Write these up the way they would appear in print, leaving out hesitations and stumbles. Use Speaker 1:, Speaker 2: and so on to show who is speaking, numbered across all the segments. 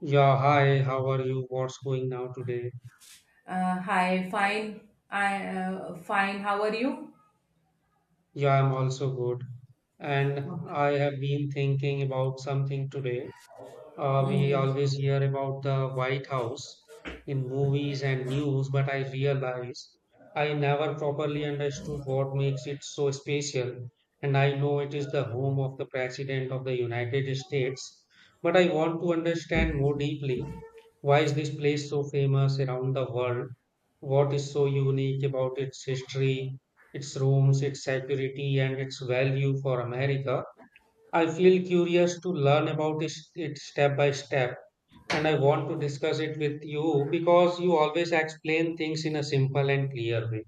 Speaker 1: Yeah, hi, how are you? What's going now today?
Speaker 2: Hi, fine. I, fine. How are you?
Speaker 1: Yeah, I'm also good. And
Speaker 2: Okay.
Speaker 1: I have been thinking about something today. Uh,
Speaker 2: Mm,
Speaker 1: we
Speaker 2: yes.
Speaker 1: always hear about the White House in movies and news, but I realize I never properly understood what makes it so special. And I know it is the home of the President of the United States, but I want to understand more deeply why is this place so famous around the world? What is so unique about its history, its rooms, its security, and its value for America? I feel curious to learn about it step by step, and I want to discuss it with you because you always explain things in a simple and clear way.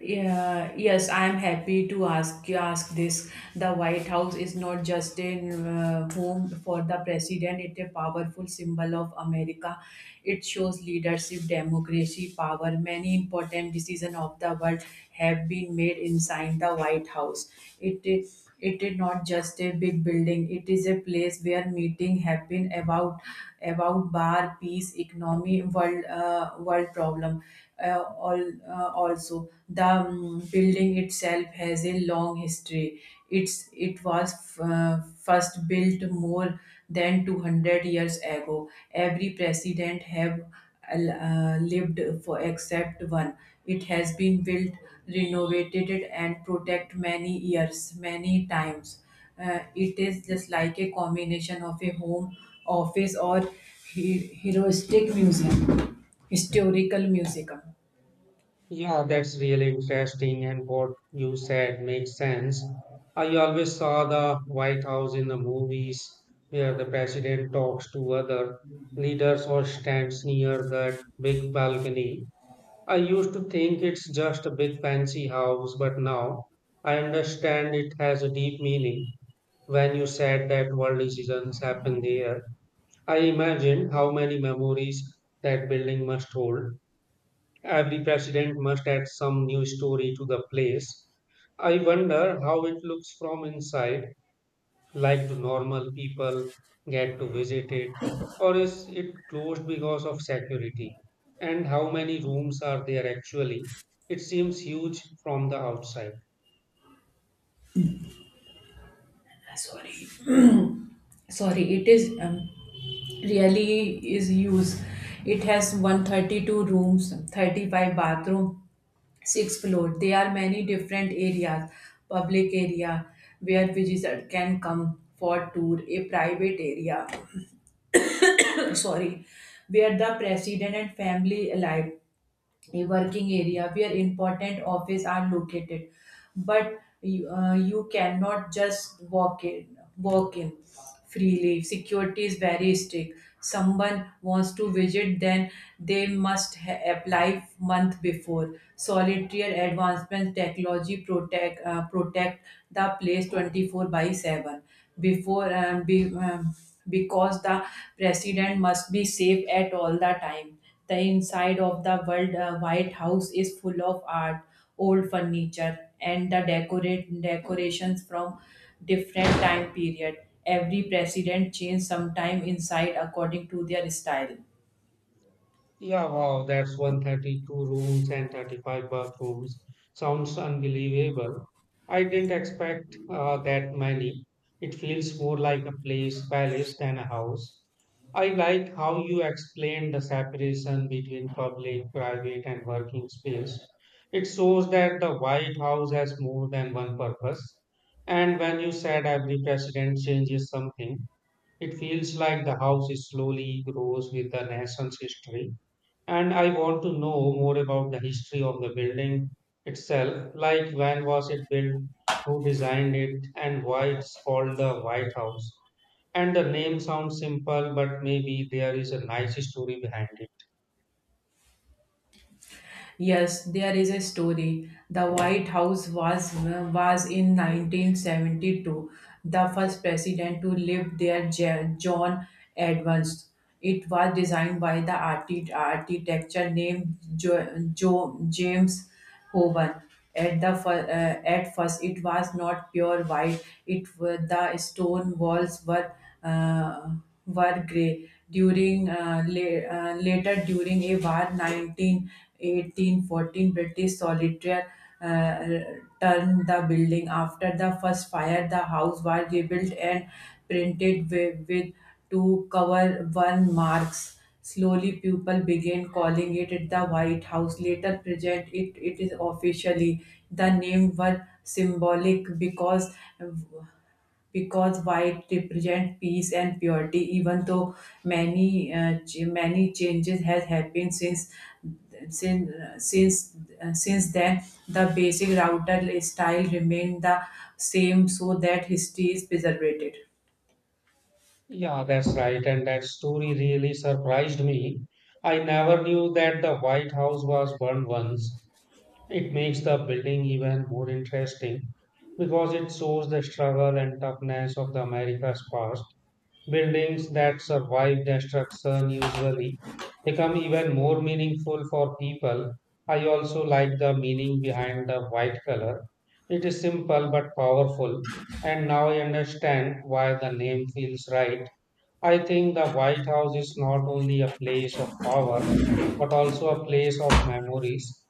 Speaker 2: Yeah, yes, I am happy to ask this. The White House is not just a home for the president; it's a powerful symbol of America. It shows leadership, democracy, power. Many important decisions of the world have been made inside the White House. It. It is not just a big building. It is a place where meeting happen about bar peace economy world problem. Uh, all Also, the building itself has a long history. It was first built more than 200 years ago. Every president have lived for, except one. It has been built, renovated, and protected many years, many times. It is just like a combination of a home, office, or historical museum.
Speaker 1: Yeah, that's really interesting, and what you said makes sense. I always saw the White House in the movies where the president talks to other leaders or stands near that big balcony. I used to think it's just a big fancy house, but now I understand it has a deep meaning. When you said that world decisions happen there, I imagined how many memories that building must hold. Every president must add some new story to the place. I wonder how it looks from inside. Like, do normal people get to visit it, or is it closed because of security? And how many rooms are there actually? It seems huge from the outside.
Speaker 2: Sorry, sorry. It is really is used. It has 132 rooms, 35 bathroom, sixth floor. There are many different areas: public area where visitor can come for tour, a private area, sorry, where the president and family alive, a working area where important office are located. But you cannot just walk in freely. Security is very strict. Someone wants to visit, then they must apply month before. Solitaire advancement technology protect the place 24 by 7. before um, be, um, because the president must be safe at all the time. The inside of the White House is full of art, old furniture, and the decorate decorations from different time period. Every president changed sometime inside according to their style.
Speaker 1: Yeah, wow, that's 132 rooms and 35 bathrooms. Sounds unbelievable. I didn't expect that many. It feels more like a place, palace than a house. I like how you explained the separation between public, private, and working space. It shows that the White House has more than one purpose. And when you said every president changes something, it feels like the house slowly grows with the nation's history. And I want to know more about the history of the building itself, like when was it built, who designed it, and why it's called the White House. And the name sounds simple, but maybe there is a nice story behind it.
Speaker 2: Yes, there is a story. The White House was in 1972, the first president to live there, John Adams. It was designed by the architecture named James oven. At first, it was not pure white. The stone walls uh, were grey. Later, during a war, 1918 14, British solitaire uh, turned the building. After the first fire, the house was rebuilt and printed with to cover one marks. Slowly, people began calling it at the White House. Later, present it is officially. The name were symbolic because white represent peace and purity. Even though many changes has happened since since since then, the basic router style remained the same, so that history is preserved.
Speaker 1: Yeah, that's right. And that story really surprised me. I never knew that the White House was burned once. It makes the building even more interesting because it shows the struggle and toughness of the America's past. Buildings that survive destruction usually become even more meaningful for people. I also like the meaning behind the white color. It is simple but powerful, and now I understand why the name feels right. I think the White House is not only a place of power, but also a place of memories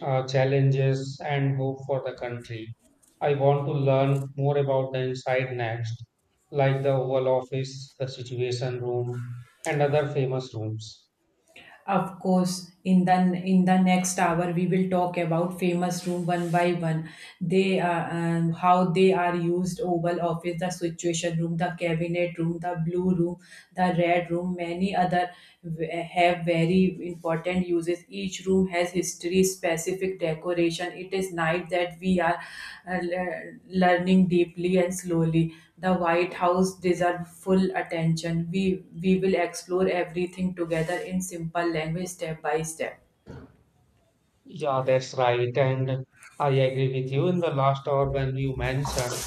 Speaker 1: challenges, and hope for the country. I want to learn more about the inside next, like the Oval Office, the Situation Room, and other famous rooms.
Speaker 2: Of course, in the next hour we will talk about famous room one by one. They are, how they are used: Oval Office, the Situation Room, the Cabinet Room, the Blue Room, the Red Room. Many other have very important uses. Each room has history specific decoration. It is night that we are learning deeply and slowly. The White House deserves full attention. We will explore everything together in simple language step by step.
Speaker 1: Yeah, that's right. And I agree with you in the last hour when you mentioned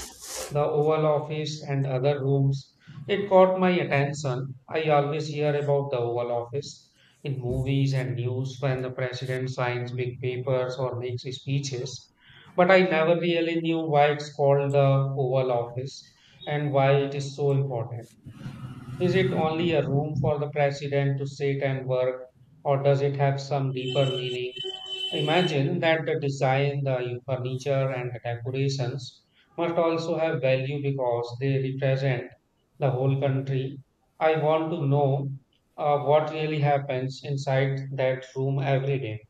Speaker 1: the Oval Office and other rooms. It caught my attention. I always hear about the Oval Office in movies and news when the president signs big papers or makes speeches, but I never really knew why it's called the Oval Office and why it is so important. Is it only a room for the president to sit and work, or does it have some deeper meaning? Imagine that the design, the furniture, and the decorations must also have value because they represent the whole country. I want to know what really happens inside that room every day.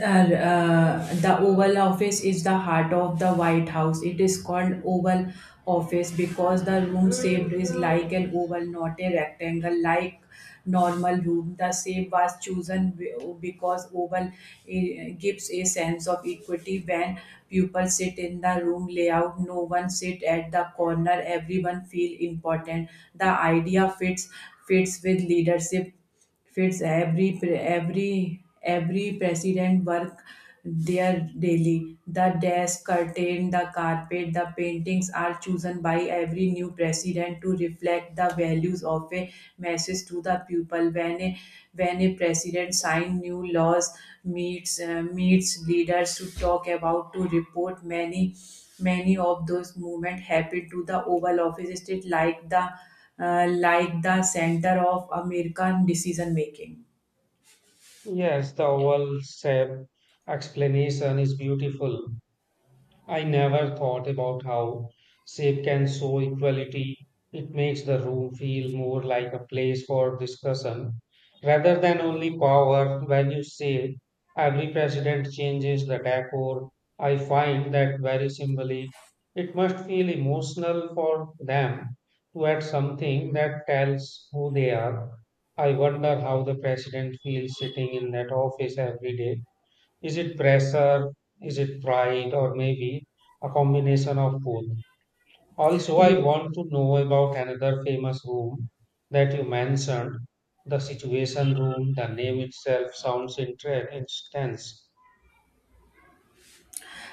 Speaker 2: The Oval Office is the heart of the White House. It is called Oval Office because the room shaped is like an oval, not a rectangle like normal room. The shape was chosen because oval, gives a sense of equity when people sit in the room layout. No one sit at the corner. Everyone feel important. The idea fits with leadership, fits every president work there daily. The desk, curtain, the carpet, the paintings are chosen by every new president to reflect the values of a message to the people. When a president sign new laws, meets leaders to talk about, to report, many of those movement happen to the oval office state like the center of American decision making.
Speaker 1: Yes, the oval shape explanation is beautiful. I never thought about how shape can show equality. It makes the room feel more like a place for discussion rather than only power. When you say every president changes the decor, I find that very symbolic. It must feel emotional for them to add something that tells who they are. I wonder how the president feels sitting in that office every day. Is it pressure? Is it pride? Or maybe a combination of both? Also, I
Speaker 2: You,
Speaker 1: want to know about another famous room that you mentioned, the situation room. The name itself sounds intense.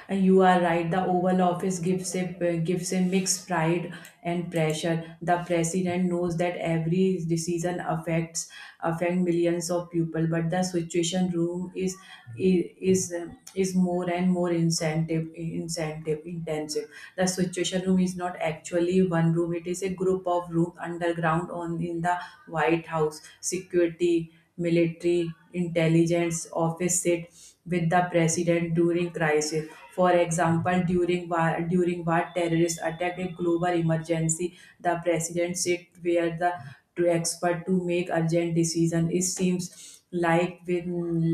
Speaker 2: And you are right. The Oval Office gives a gives a mixed pride and pressure. The president knows that every decision affect millions of people, but the situation room is is more and more incentive incentive intensive. The situation room is not actually one room. It is a group of room underground on in the White House. Security, military intelligence office sit with the president during crisis. For example, during war terrorist attack, a global emergency, the president sit where the to expert to make urgent decision. It seems like with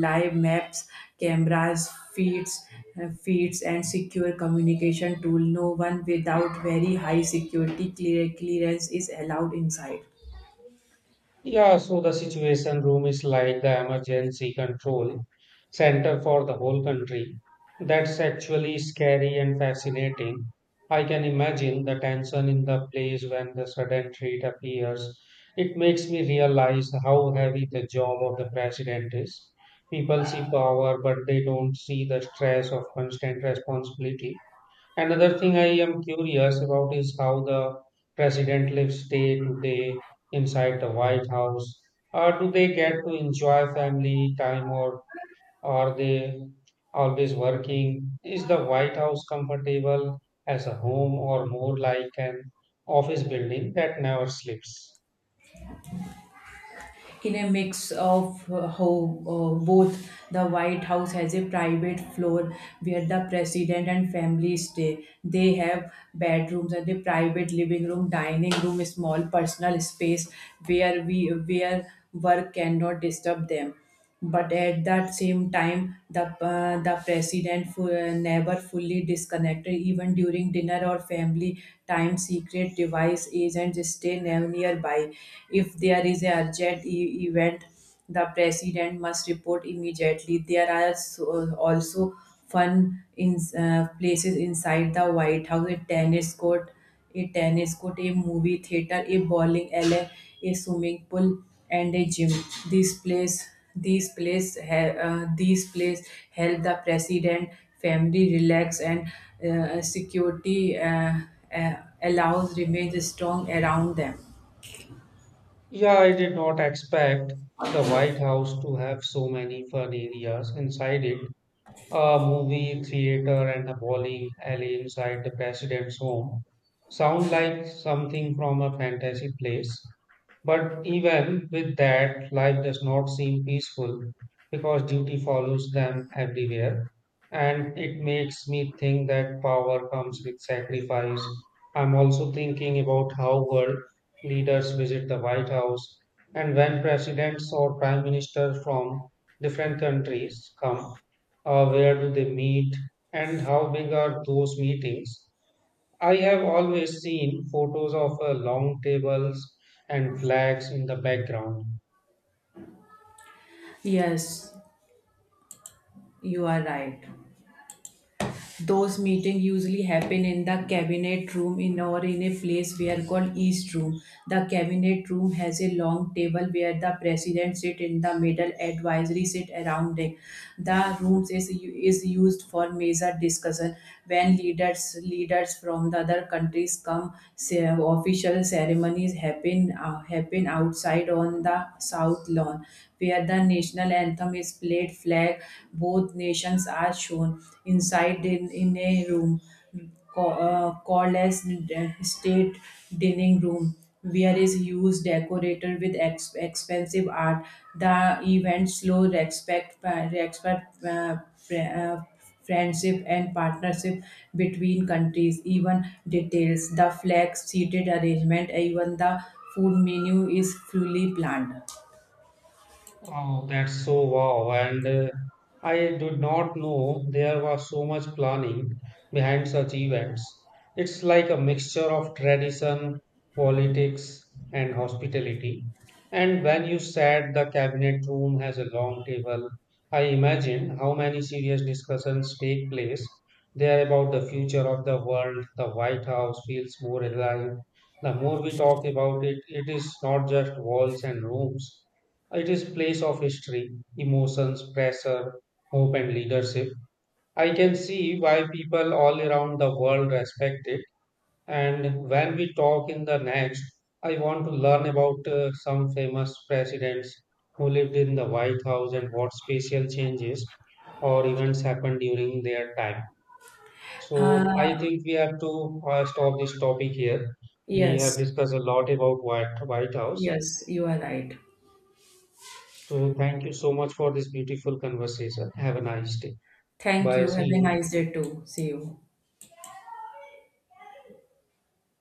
Speaker 2: live maps, cameras, feeds, and secure communication tool. No one without very high security clearance is allowed inside.
Speaker 1: Yeah, so the Situation Room is like the emergency control center for the whole country. That's actually scary and fascinating. I can imagine the tension in the place when the sudden threat appears. It makes me realize how heavy the job of the president is. People see power, but they don't see the stress of constant responsibility. Another thing I am curious about is how the president lives day to day inside the White House. Do they get to enjoy family time or are they always working? Is the White House comfortable as a home or more like an office building that never sleeps?
Speaker 2: In a mix of how Both, the White House has a private floor where the president and family stay. They have bedrooms and a private living room, dining room, a small personal space where work cannot disturb them. But at that same time, the president never fully disconnected, even during dinner or family time. Secret device agents stay nearby. If there is a urgent event, the president must report immediately. There are also fun in places inside the White House: a tennis court, a movie theater, a bowling alley, a swimming pool, and a gym. This place, these place help the president, family relax, and security uh, allows remains strong around them.
Speaker 1: Yeah, I did not expect the White House to have so many fun areas inside it. A movie theater and a bowling alley inside the president's home sound like something from a fantasy place. But even with that, life does not seem peaceful because duty follows them everywhere. And it makes me think that power comes with sacrifice. I'm also thinking about how world leaders visit the White House and when presidents or prime ministers from different countries come where do they meet? And how big are those meetings? I have always seen photos of long tables and flags in the background.
Speaker 2: Yes, you are right. Those meetings usually happen in the cabinet room, in or in a place we are called East Room. The cabinet room has a long table where the president sit in the middle, advisory sit around it. The rooms is used for major discussion when leaders from the other countries come. Official ceremonies happen outside on the south lawn where the national anthem is played. Flag both nations are shown inside in a room called as state dining room, where is used, decorated with expensive art. The event slow respect friendship and partnership between countries. Even details: the flag, seated arrangement, even the food menu is fully planned.
Speaker 1: Oh, that's so wow. And I did not know there was so much planning behind such events. It's like a mixture of tradition, politics, and hospitality. And when you said the cabinet room has a long table, I imagine how many serious discussions take place there about the future of the world. The White House feels more alive. The more we talk about it, it is not just walls and rooms. It is place of history, emotions, pressure, hope and leadership. I can see why people all around the world respect it. And when we talk in the next, I want to learn about some famous presidents who lived in the White House and what special changes or events happened during their time. So
Speaker 2: Uh,
Speaker 1: I think we have to stop this topic here. We have
Speaker 2: Yes,
Speaker 1: discussed a lot about White House.
Speaker 2: yes, you are right.
Speaker 1: So, thank you so much for this beautiful conversation. Have a nice day.
Speaker 2: Thank
Speaker 1: Bye.
Speaker 2: you. Have
Speaker 1: See
Speaker 2: a
Speaker 1: you.
Speaker 2: nice day too. See you.